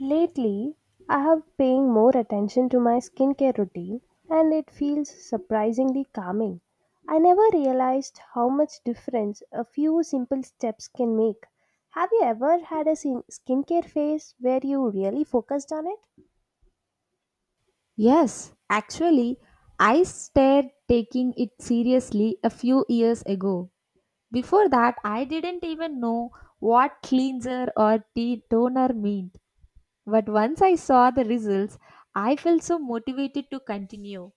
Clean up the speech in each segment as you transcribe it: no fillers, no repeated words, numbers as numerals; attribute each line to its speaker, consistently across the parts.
Speaker 1: Lately, I have paying more attention to my skincare routine and it feels surprisingly calming. I never realized how much difference a few simple steps can make. Have you ever had a skincare phase where you really focused on it?
Speaker 2: Yes, actually, I started taking it seriously a few years ago. Before that, I didn't even know what cleanser or tea toner meant. But once I saw the results, I felt so motivated to continue.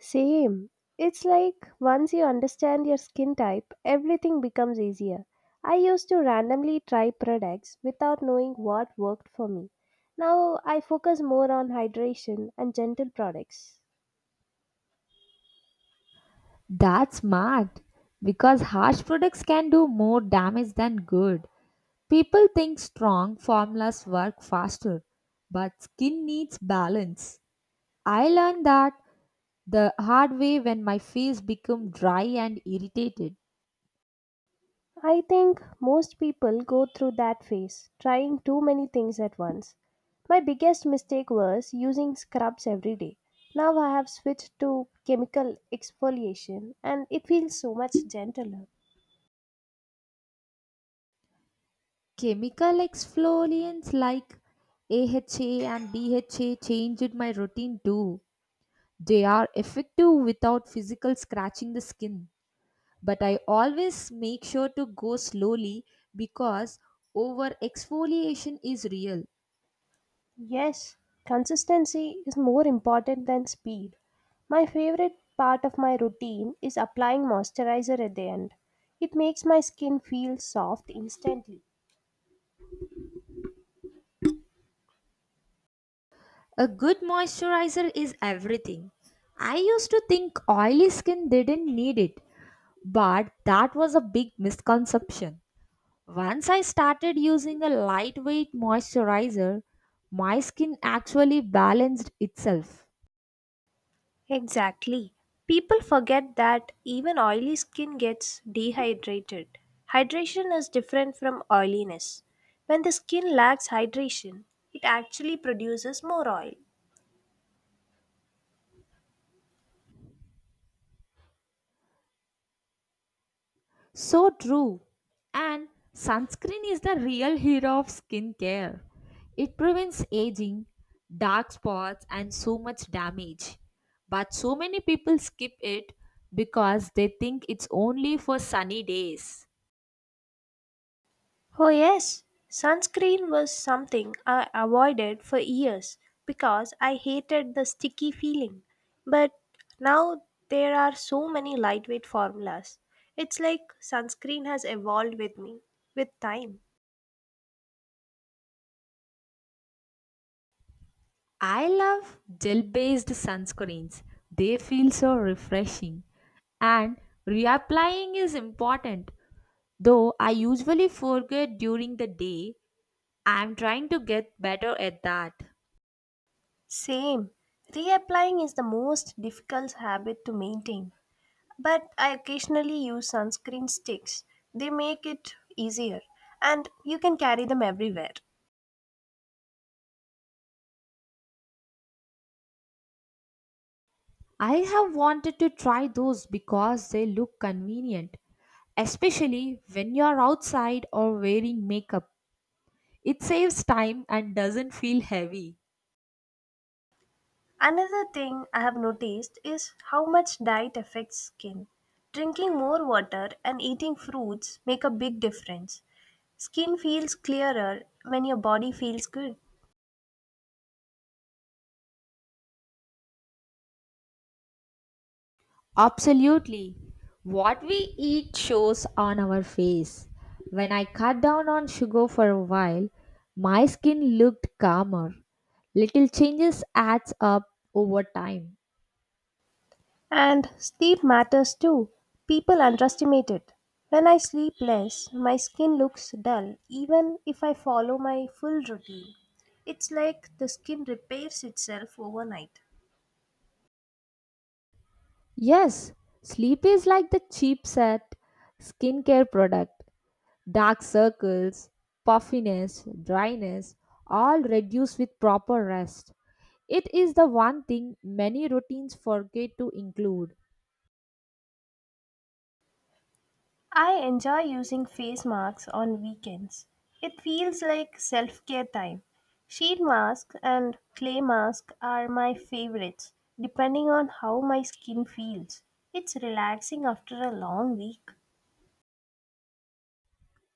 Speaker 1: Same. It's like once you understand your skin type, everything becomes easier. I used to randomly try products without knowing what worked for me. Now I focus more on hydration and gentle products.
Speaker 2: That's smart because harsh products can do more damage than good. People think strong formulas work faster, but skin needs balance. I learned that the hard way when my face became dry and irritated.
Speaker 1: I think most people go through that phase, trying too many things at once. My biggest mistake was using scrubs every day. Now I have switched to chemical exfoliation and it feels so much gentler.
Speaker 2: Chemical exfoliants like AHA and BHA changed my routine too. They are effective without physical scratching the skin, but I always make sure to go slowly because over exfoliation is real.
Speaker 1: Yes, consistency is more important than speed. My favorite part of my routine is applying moisturizer at the end. It makes my skin feel soft instantly.
Speaker 2: A good moisturizer is everything. I used to think oily skin didn't need it, but that was a big misconception. Once I started using a lightweight moisturizer, my skin actually balanced itself.
Speaker 1: Exactly. People forget that even oily skin gets dehydrated. Hydration is different from oiliness. When the skin lacks hydration, it actually produces more oil.
Speaker 2: So true. And sunscreen is the real hero of skincare. It prevents aging, dark spots, and so much damage. But so many people skip it because they think it's only for sunny days.
Speaker 1: Oh, yes, sunscreen was something I avoided for years because I hated the sticky feeling. But now there are so many lightweight formulas. It's like sunscreen has evolved with me, with time.
Speaker 2: I love gel based sunscreens. They feel so refreshing. And reapplying is important, though I usually forget during the day. I'm trying to get better at that.
Speaker 1: Same. Reapplying is the most difficult habit to maintain, but I occasionally use sunscreen sticks. They make it easier, and you can carry them everywhere.
Speaker 2: I have wanted to try those because they look convenient, especially when you're outside or wearing makeup. It saves time and doesn't feel heavy.
Speaker 1: Another thing I have noticed is how much diet affects skin. Drinking more water and eating fruits make a big difference. Skin feels clearer when your body feels good.
Speaker 2: Absolutely. What we eat shows on our face. When I cut down on sugar for a while, my skin looked calmer. Little changes adds up over time.
Speaker 1: And sleep matters too. People underestimate it. When I sleep less, my skin looks dull even if I follow my full routine. It's like the skin repairs itself overnight.
Speaker 2: Yes, sleep is like the cheap set skincare product. Dark circles, puffiness, dryness all reduce with proper rest. It is the one thing many routines forget to include.
Speaker 1: I enjoy using face masks on weekends. It feels like self care time. Sheet masks and clay masks are my favorites, depending on how my skin feels. It's relaxing after a long week.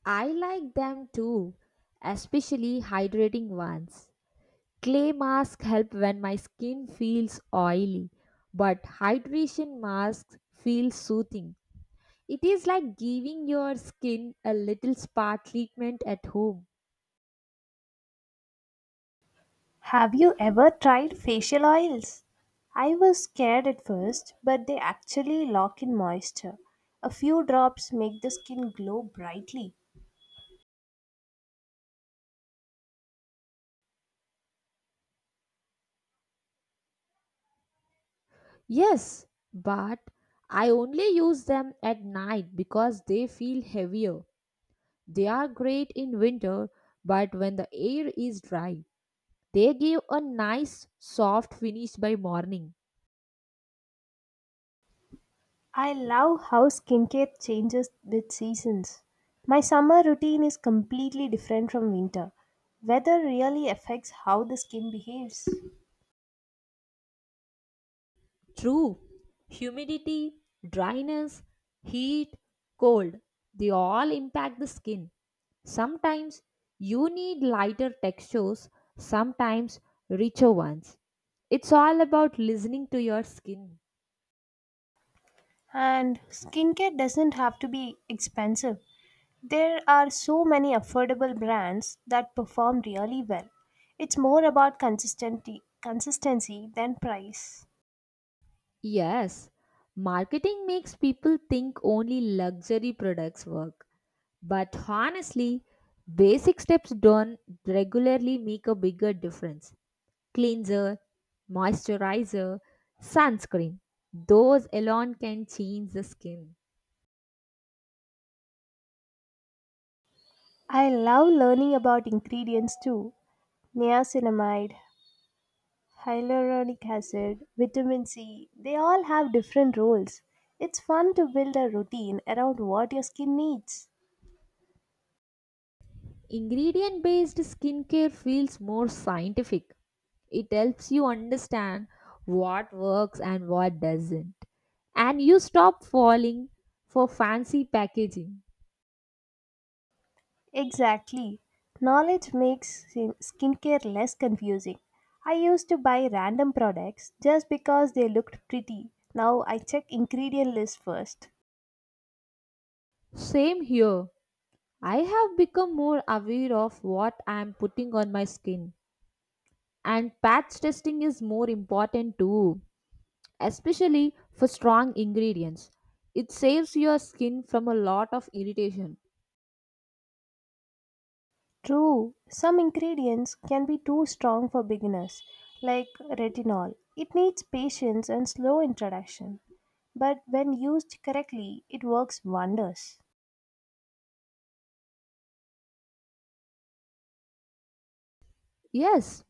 Speaker 2: I like them too, especially hydrating ones. Clay masks help when my skin feels oily, but hydration masks feel soothing. It is like giving your skin a little spa treatment at home.
Speaker 1: Have you ever tried facial oils? I was scared at first, but they actually lock in moisture. A few drops make the skin glow brightly.
Speaker 2: Yes, but I only use them at night because they feel heavier. They are great in winter, but when the air is dry, they give a nice soft finish by morning.
Speaker 1: I love how skincare changes with seasons. My summer routine is completely different from winter. Weather really affects how the skin behaves.
Speaker 2: True. Humidity, dryness, heat, cold, they all impact the skin. Sometimes you need lighter textures, sometimes richer ones. It's all about listening to your skin.
Speaker 1: And skincare doesn't have to be expensive. There are so many affordable brands that perform really well. It's more about consistency than price.
Speaker 2: Yes, marketing makes people think only luxury products work. But honestly, basic steps done regularly make a bigger difference. Cleanser, moisturizer, sunscreen. Those alone can change the skin.
Speaker 1: I love learning about ingredients too. Niacinamide, hyaluronic acid, vitamin C, they all have different roles. It's fun to build a routine around what your skin needs.
Speaker 2: Ingredient based skincare feels more scientific. It helps you understand what works and what doesn't. And you stop falling for fancy packaging.
Speaker 1: Exactly. Knowledge makes skincare less confusing. I used to buy random products just because they looked pretty. Now I check ingredient list first.
Speaker 2: Same here. I have become more aware of what I am putting on my skin. And patch testing is more important too, especially for strong ingredients. It saves your skin from a lot of irritation.
Speaker 1: True, some ingredients can be too strong for beginners, like retinol. It needs patience and slow introduction. But when used correctly, it works wonders.
Speaker 2: Yes,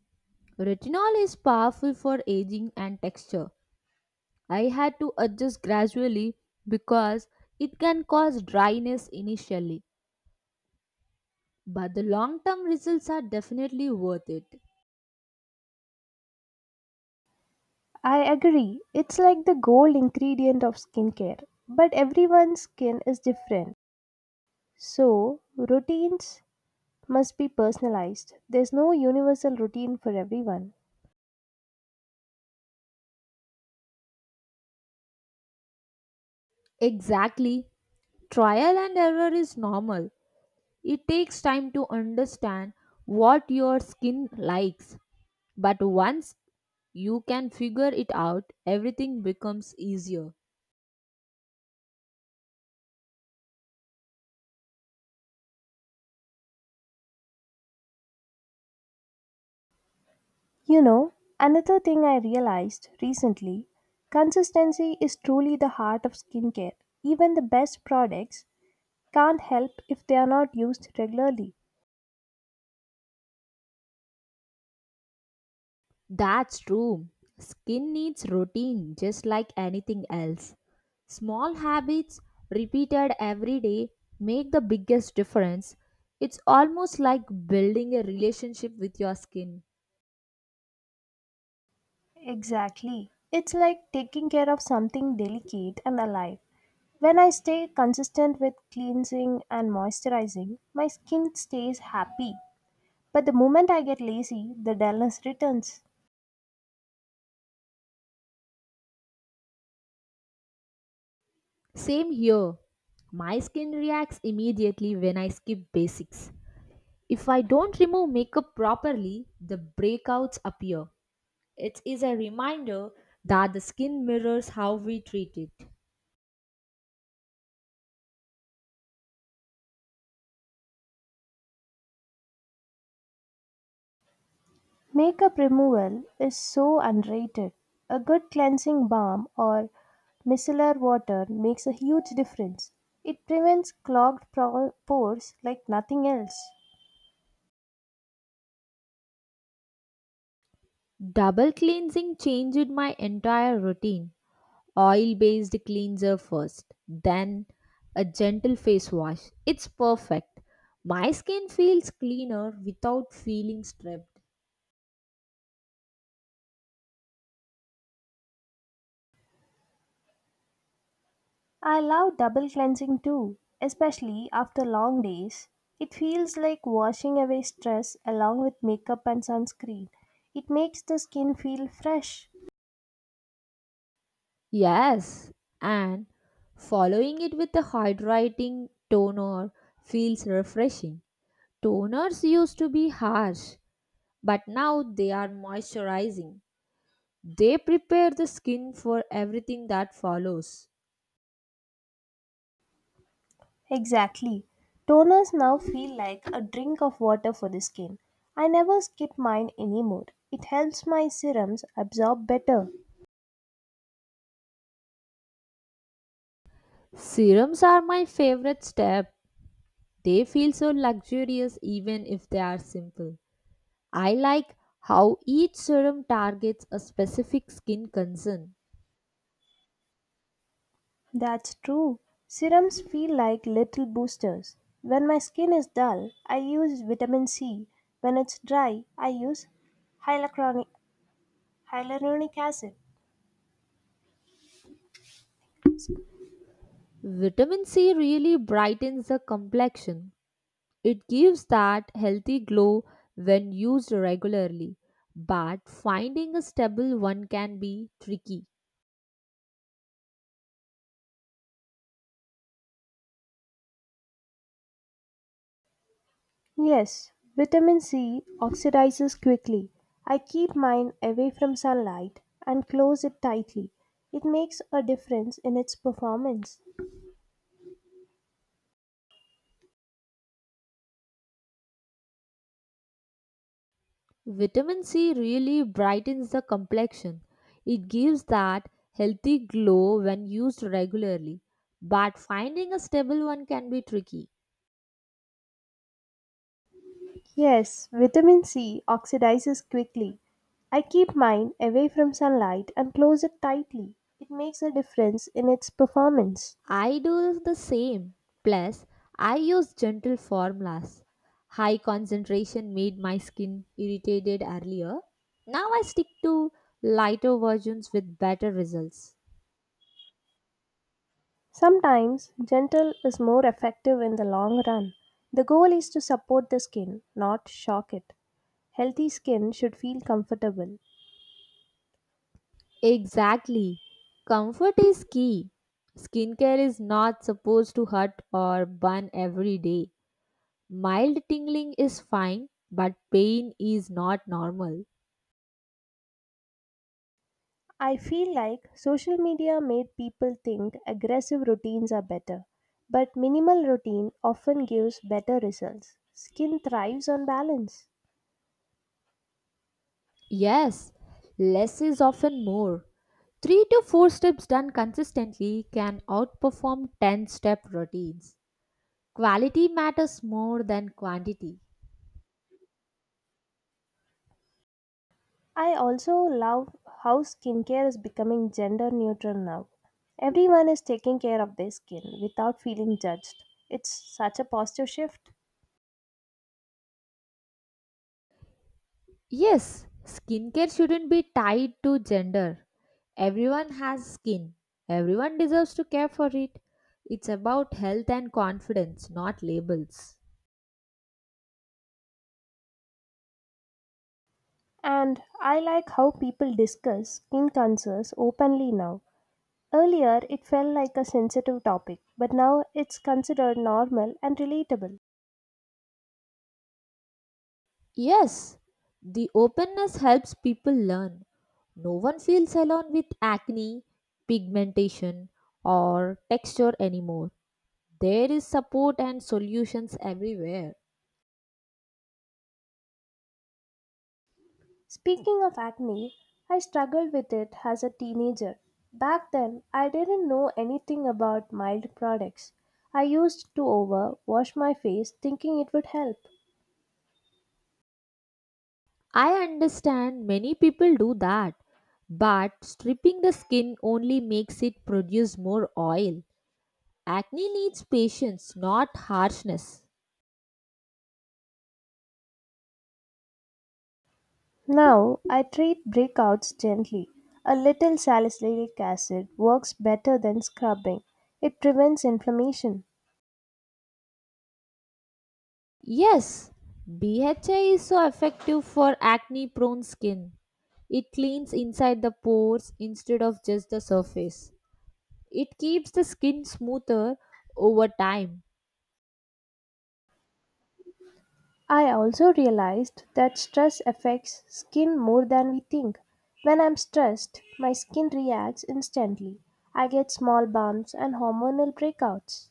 Speaker 2: retinol is powerful for aging and texture. I had to adjust gradually because it can cause dryness initially, but the long term results are definitely worth it.
Speaker 1: I agree, it's like the gold ingredient of skincare, but everyone's skin is different. So, routines must be personalized. There's no universal routine for everyone.
Speaker 2: Exactly, trial and error is normal. It takes time to understand what your skin likes, but once you can figure it out, everything becomes easier.
Speaker 1: You know, another thing I realized recently consistency is truly the heart of skincare. Even the best products can't help if they are not used regularly.
Speaker 2: That's true. Skin needs routine just like anything else. Small habits repeated every day make the biggest difference. It's almost like building a relationship with your skin.
Speaker 1: Exactly. It's like taking care of something delicate and alive. When I stay consistent with cleansing and moisturizing, my skin stays happy. But the moment I get lazy, the dullness returns.
Speaker 2: Same here. My skin reacts immediately when I skip basics. If I don't remove makeup properly, the breakouts appear. It is a reminder that the skin mirrors how we treat it.
Speaker 1: Makeup removal is so underrated. A good cleansing balm or micellar water makes a huge difference. It prevents clogged pores like nothing else.
Speaker 2: Double cleansing changed my entire routine. Oil based cleanser first, then a gentle face wash. It's perfect. My skin feels cleaner without feeling stripped.
Speaker 1: I love double cleansing too, especially after long days. It feels like washing away stress along with makeup and sunscreen. It makes the skin feel fresh.
Speaker 2: Yes, and following it with a hydrating toner feels refreshing. Toners used to be harsh, but now they are moisturizing. They prepare the skin for everything that follows.
Speaker 1: Exactly. Toners now feel like a drink of water for the skin. I never skip mine anymore. It helps my serums absorb better.
Speaker 2: Serums are my favorite step. They feel so luxurious even if they are simple. I like how each serum targets a specific skin concern.
Speaker 1: That's true. Serums feel like little boosters. When my skin is dull, I use vitamin C. When it's dry, I use hyaluronic, hyaluronic acid.
Speaker 2: Vitamin C really brightens the complexion. It gives that healthy glow when used regularly, but finding a stable one can be tricky.
Speaker 1: Yes, vitamin C oxidizes quickly. I keep mine away from sunlight and close it tightly. It makes a difference in its performance.
Speaker 2: Vitamin C really brightens the complexion. It gives that healthy glow when used regularly, but finding a stable one can be tricky.
Speaker 1: Yes, vitamin C oxidizes quickly. I keep mine away from sunlight and close it tightly. It makes a difference in its performance.
Speaker 2: I do the same. Plus, I use gentle formulas. High concentration made my skin irritated earlier. Now I stick to lighter versions with better results.
Speaker 1: Sometimes, gentle is more effective in the long run. The goal is to support the skin, not shock it. Healthy skin should feel comfortable.
Speaker 2: Exactly. Comfort is key. Skincare is not supposed to hurt or burn every day. Mild tingling is fine, but pain is not normal.
Speaker 1: I feel like social media made people think aggressive routines are better, but minimal routine often gives better results. Skin thrives on balance.
Speaker 2: Yes, less is often more. 3 to 4 steps done consistently can outperform 10 step routines. Quality matters more than quantity.
Speaker 1: I also love how skincare is becoming gender neutral now. Everyone is taking care of their skin without feeling judged. It's such a positive shift.
Speaker 2: Yes, skincare shouldn't be tied to gender. Everyone has skin. Everyone deserves to care for it. It's about health and confidence, not labels.
Speaker 1: And I like how people discuss skin concerns openly now. Earlier, it felt like a sensitive topic, but now it's considered normal and relatable.
Speaker 2: Yes, the openness helps people learn. No one feels alone with acne, pigmentation, or texture anymore. There is support and solutions everywhere.
Speaker 1: Speaking of acne, I struggled with it as a teenager. Back then, I didn't know anything about mild products. I used to overwash my face thinking it would help.
Speaker 2: I understand many people do that, but stripping the skin only makes it produce more oil. Acne needs patience, not harshness.
Speaker 1: Now, I treat breakouts gently. A little salicylic acid works better than scrubbing. It prevents inflammation.
Speaker 2: Yes, BHA is so effective for acne prone skin. It cleans inside the pores instead of just the surface. It keeps the skin smoother over time.
Speaker 1: I also realized that stress affects skin more than we think. When I'm stressed, my skin reacts instantly. I get small bumps and hormonal breakouts.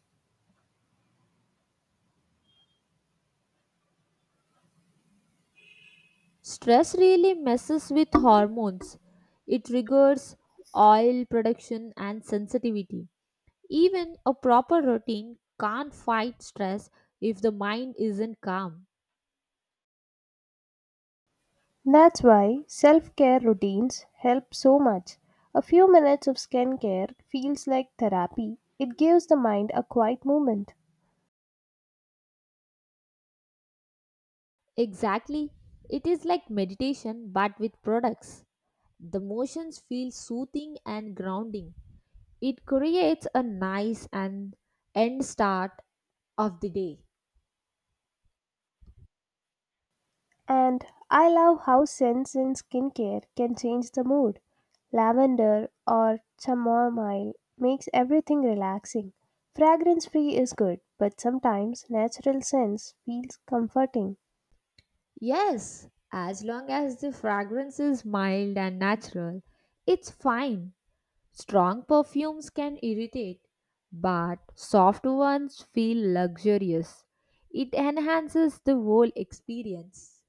Speaker 2: Stress really messes with hormones. It triggers oil production and sensitivity. Even a proper routine can't fight stress if the mind isn't calm.
Speaker 1: That's why self care routines help so much. A few minutes of skincare feels like therapy. It gives the mind a quiet moment.
Speaker 2: Exactly. It is like meditation but with products. The motions feel soothing and grounding. It creates a nice and end start of the day.
Speaker 1: And I love how scents in skincare can change the mood. Lavender or chamomile makes everything relaxing. Fragrance free is good, but sometimes natural scents feels comforting.
Speaker 2: Yes, as long as the fragrance is mild and natural, it's fine. Strong perfumes can irritate, but soft ones feel luxurious. It enhances the whole experience.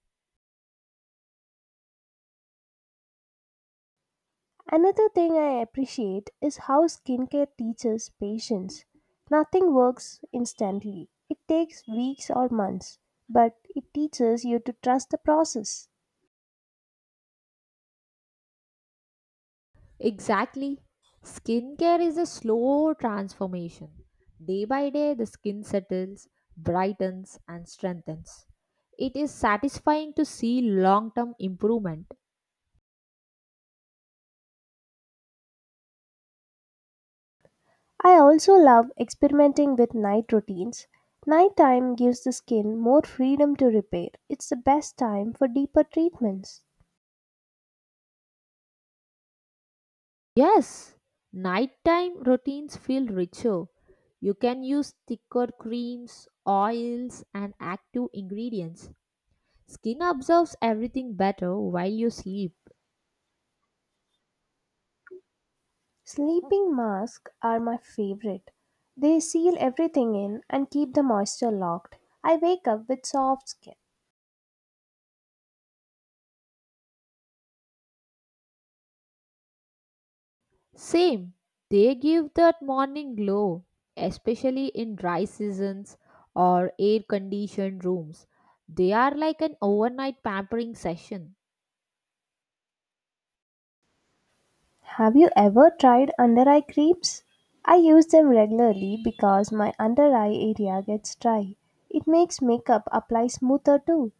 Speaker 1: Another thing I appreciate is how skincare teaches patience. Nothing works instantly. It takes weeks or months, but it teaches you to trust the process.
Speaker 2: Exactly. Skincare is a slow transformation. Day by day, the skin settles, brightens, and strengthens. It is satisfying to see long term improvement.
Speaker 1: I also love experimenting with night routines. Nighttime gives the skin more freedom to repair. It's the best time for deeper treatments.
Speaker 2: Yes, nighttime routines feel richer. You can use thicker creams, oils, and active ingredients. Skin absorbs everything better while you sleep.
Speaker 1: Sleeping masks are my favorite. They seal everything in and keep the moisture locked. I wake up with soft skin.
Speaker 2: Same, they give that morning glow, especially in dry seasons or air conditioned rooms. They are like an overnight pampering session.
Speaker 1: Have you ever tried under eye creams? I use them regularly because my under eye area gets dry. It makes makeup apply smoother too.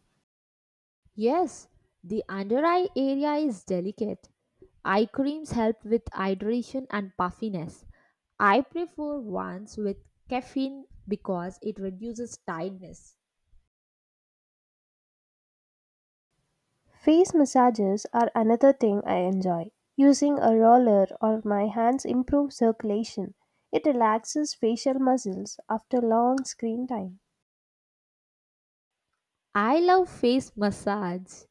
Speaker 2: Yes, the under eye area is delicate. Eye creams help with hydration and puffiness. I prefer ones with caffeine because it reduces tiredness.
Speaker 1: Face massages are another thing I enjoy. Using a roller or my hands improves circulation. It relaxes facial muscles after long screen time.
Speaker 2: I love face massage.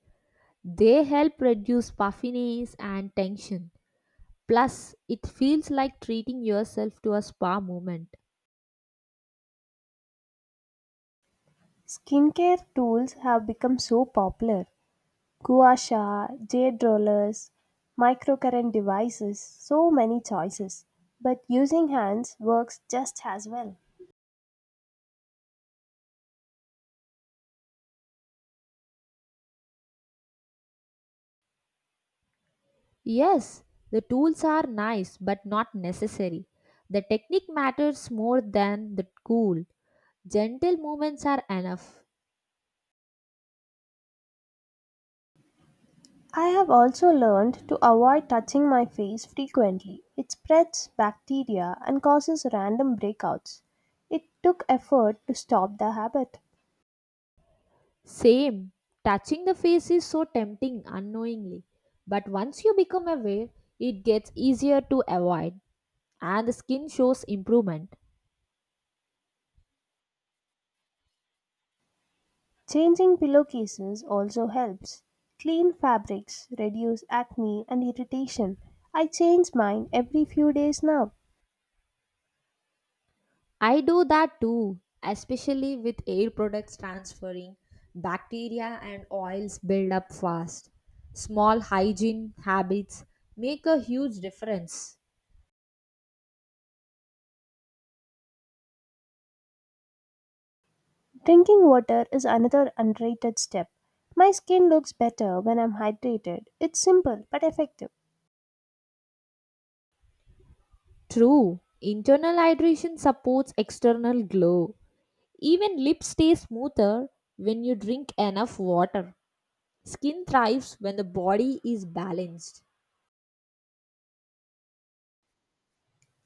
Speaker 2: They help reduce puffiness and tension. Plus, it feels like treating yourself to a spa moment.
Speaker 1: Skincare tools have become so popular. Gua Sha, jade rollers, microcurrent devices, so many choices. But using hands works just as well.
Speaker 2: Yes, the tools are nice but not necessary. The technique matters more than the tool. Gentle movements are enough.
Speaker 1: I have also learned to avoid touching my face frequently. It spreads bacteria and causes random breakouts. It took effort to stop the habit.
Speaker 2: Same. Touching the face is so tempting unknowingly. But once you become aware, it gets easier to avoid and the skin shows improvement.
Speaker 1: Changing pillowcases also helps. Clean fabrics reduce acne and irritation. I change mine every few days now.
Speaker 2: I do that too, especially with air products transferring. Bacteria and oils build up fast. Small hygiene habits make a huge difference.
Speaker 1: Drinking water is another underrated step. My skin looks better when I'm hydrated. It's simple but effective.
Speaker 2: True, internal hydration supports external glow. Even lips stay smoother when you drink enough water. Skin thrives when the body is balanced.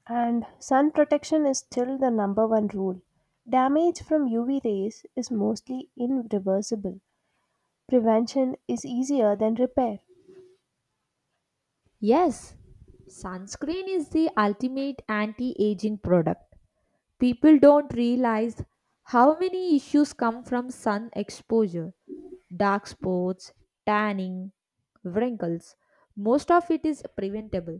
Speaker 1: And sun protection is still the number one rule. Damage from UV rays is mostly irreversible. Prevention is easier than repair.
Speaker 2: Yes, sunscreen is the ultimate anti aging product. People don't realize how many issues come from sun exposure, dark spots, tanning, wrinkles. Most of it is preventable.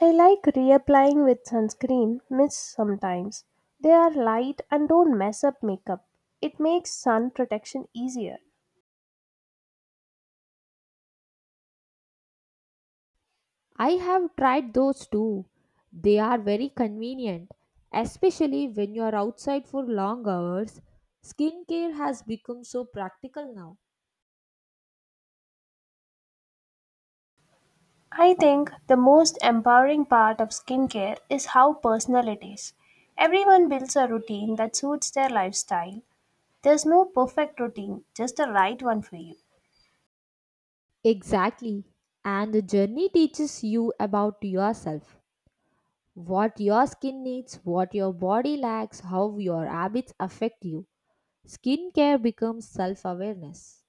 Speaker 1: I like reapplying with sunscreen mists sometimes. They are light and don't mess up makeup. It makes sun protection easier.
Speaker 2: I have tried those too. They are very convenient, especially when you are outside for long hours. Skincare has become so practical now.
Speaker 1: I think the most empowering part of skincare is how personal it is. Everyone builds a routine that suits their lifestyle. There's no perfect routine, just the right one for you.
Speaker 2: Exactly. And the journey teaches you about yourself. What your skin needs, what your body lacks, how your habits affect you. Skincare becomes self awareness.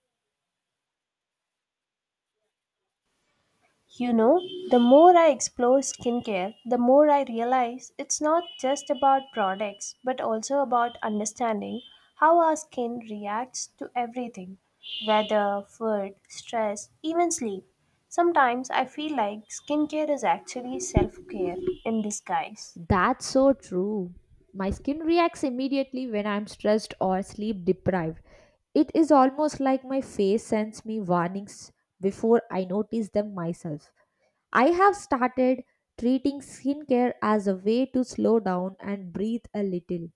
Speaker 1: You know, the more I explore skincare, the more I realize it's not just about products but also about understanding how our skin reacts to everything weather, food, stress, even sleep. Sometimes I feel like skincare is actually self care in disguise.
Speaker 2: That's so true. My skin reacts immediately when I'm stressed or sleep deprived. It is almost like my face sends me warnings before I notice them myself. I have started treating skincare as a way to slow down and breathe a little.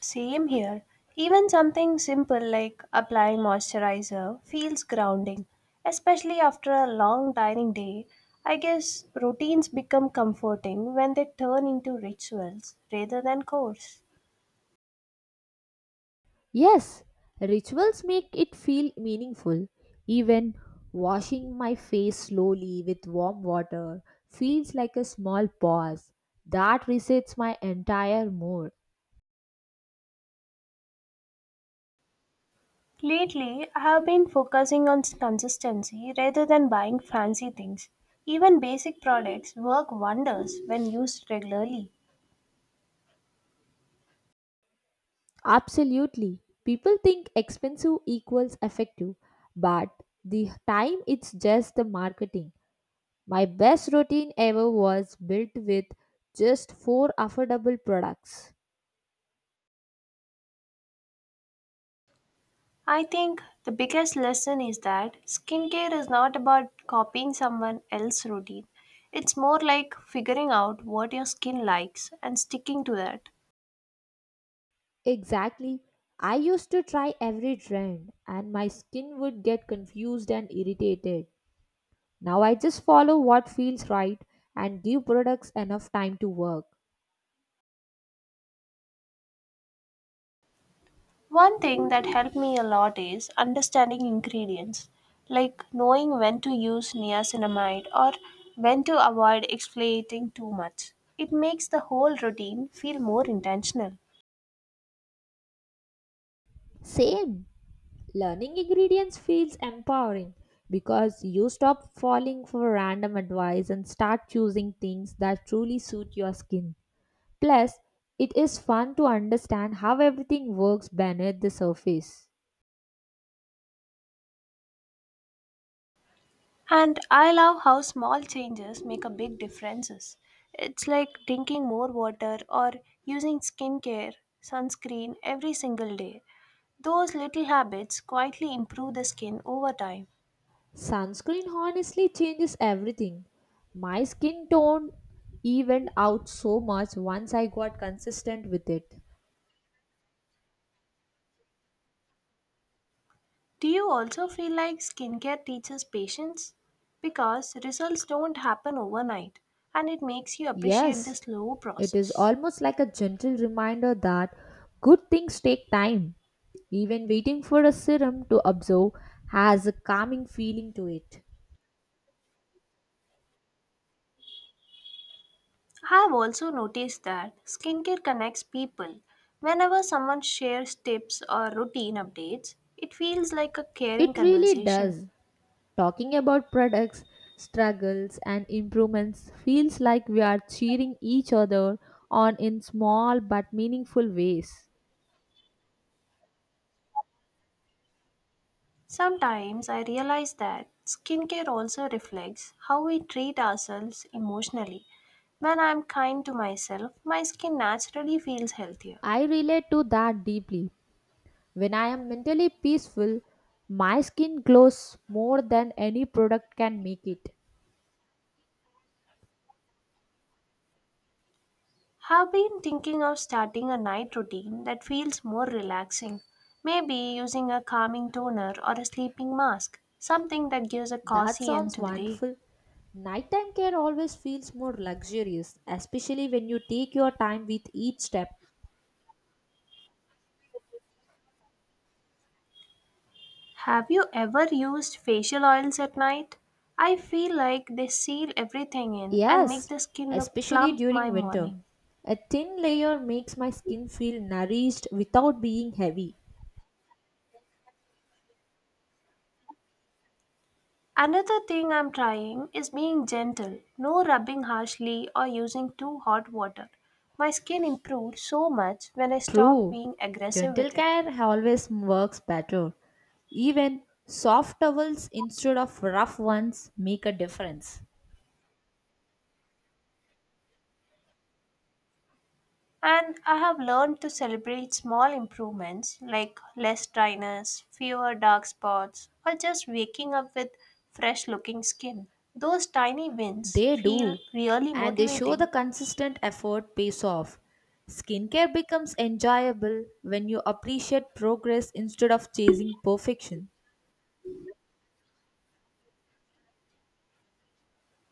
Speaker 1: Same here. Even something simple like applying moisturizer feels grounding, especially after a long tiring day. I guess routines become comforting when they turn into rituals rather than chores.
Speaker 2: Yes, rituals make it feel meaningful. Even washing my face slowly with warm water feels like a small pause that resets my entire mood.
Speaker 1: Lately, I have been focusing on consistency rather than buying fancy things. Even basic products work wonders when used regularly.
Speaker 2: Absolutely. People think expensive equals effective, but the time it's just the marketing. My best routine ever was built with just four affordable products.
Speaker 1: I think the biggest lesson is that skincare is not about copying someone else's routine. It's more like figuring out what your skin likes and sticking to that.
Speaker 2: Exactly. I used to try every trend and my skin would get confused and irritated. Now I just follow what feels right and give products enough time to work.
Speaker 1: One thing that helped me a lot is understanding ingredients, like knowing when to use niacinamide or when to avoid exfoliating too much. It makes the whole routine feel more intentional.
Speaker 2: Same. Learning ingredients feels empowering because you stop falling for random advice and start choosing things that truly suit your skin. Plus, it is fun to understand how everything works beneath the surface.
Speaker 1: And I love how small changes make a big differences. It's like drinking more water or using skincare, sunscreen every single day. Those little habits quietly improve the skin over time.
Speaker 2: Sunscreen honestly changes everything. My skin tone evened out so much once I got consistent with it.
Speaker 1: Do you also feel like skincare teaches patience? Because results don't happen overnight and it makes you appreciate the
Speaker 2: Yes,
Speaker 1: slow
Speaker 2: it is
Speaker 1: process.
Speaker 2: almost like a gentle reminder that good things take time. Even waiting for a serum to absorb has a calming feeling to it.
Speaker 1: I've also noticed that skincare connects people. Whenever someone shares tips or routine updates, it feels like a caring
Speaker 2: It really
Speaker 1: conversation.
Speaker 2: does. Talking about products, struggles, and improvements feels like we are cheering each other on in small but meaningful ways.
Speaker 1: Sometimes I realize that skincare also reflects how we treat ourselves emotionally. When I'm kind to myself, my skin naturally feels healthier.
Speaker 2: I relate to that deeply. When I am mentally peaceful, my skin glows more than any product can make it.
Speaker 1: Have been thinking of starting a night routine that feels more relaxing. Maybe using a calming toner or a sleeping mask, something that gives a
Speaker 2: That
Speaker 1: cozy end
Speaker 2: sounds
Speaker 1: to the day.
Speaker 2: wonderful. Nighttime care always feels more luxurious, especially when you take your time with each step.
Speaker 1: Have you ever used facial oils at night? I feel like they seal everything in and make
Speaker 2: Yes,
Speaker 1: the skin look
Speaker 2: especially
Speaker 1: plump
Speaker 2: during
Speaker 1: my
Speaker 2: winter.
Speaker 1: morning.
Speaker 2: A thin layer makes my skin feel nourished without being heavy.
Speaker 1: Another thing I'm trying is being gentle, no rubbing harshly or using too hot water. My skin improved so much when I stopped
Speaker 2: True.
Speaker 1: being aggressive
Speaker 2: Gentle
Speaker 1: with it.
Speaker 2: care always works better. Even soft towels instead of rough ones make a difference.
Speaker 1: And I have learned to celebrate small improvements like less dryness, fewer dark spots, or just waking up with fresh looking skin. Those tiny wins
Speaker 2: They
Speaker 1: feel
Speaker 2: do,
Speaker 1: really
Speaker 2: and they show the
Speaker 1: motivating.
Speaker 2: consistent effort pays off. Skincare becomes enjoyable when you appreciate progress instead of chasing perfection.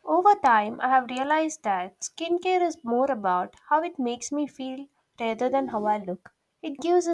Speaker 1: Over time, I have realized that skincare is more about how it makes me feel rather than how I look. It gives a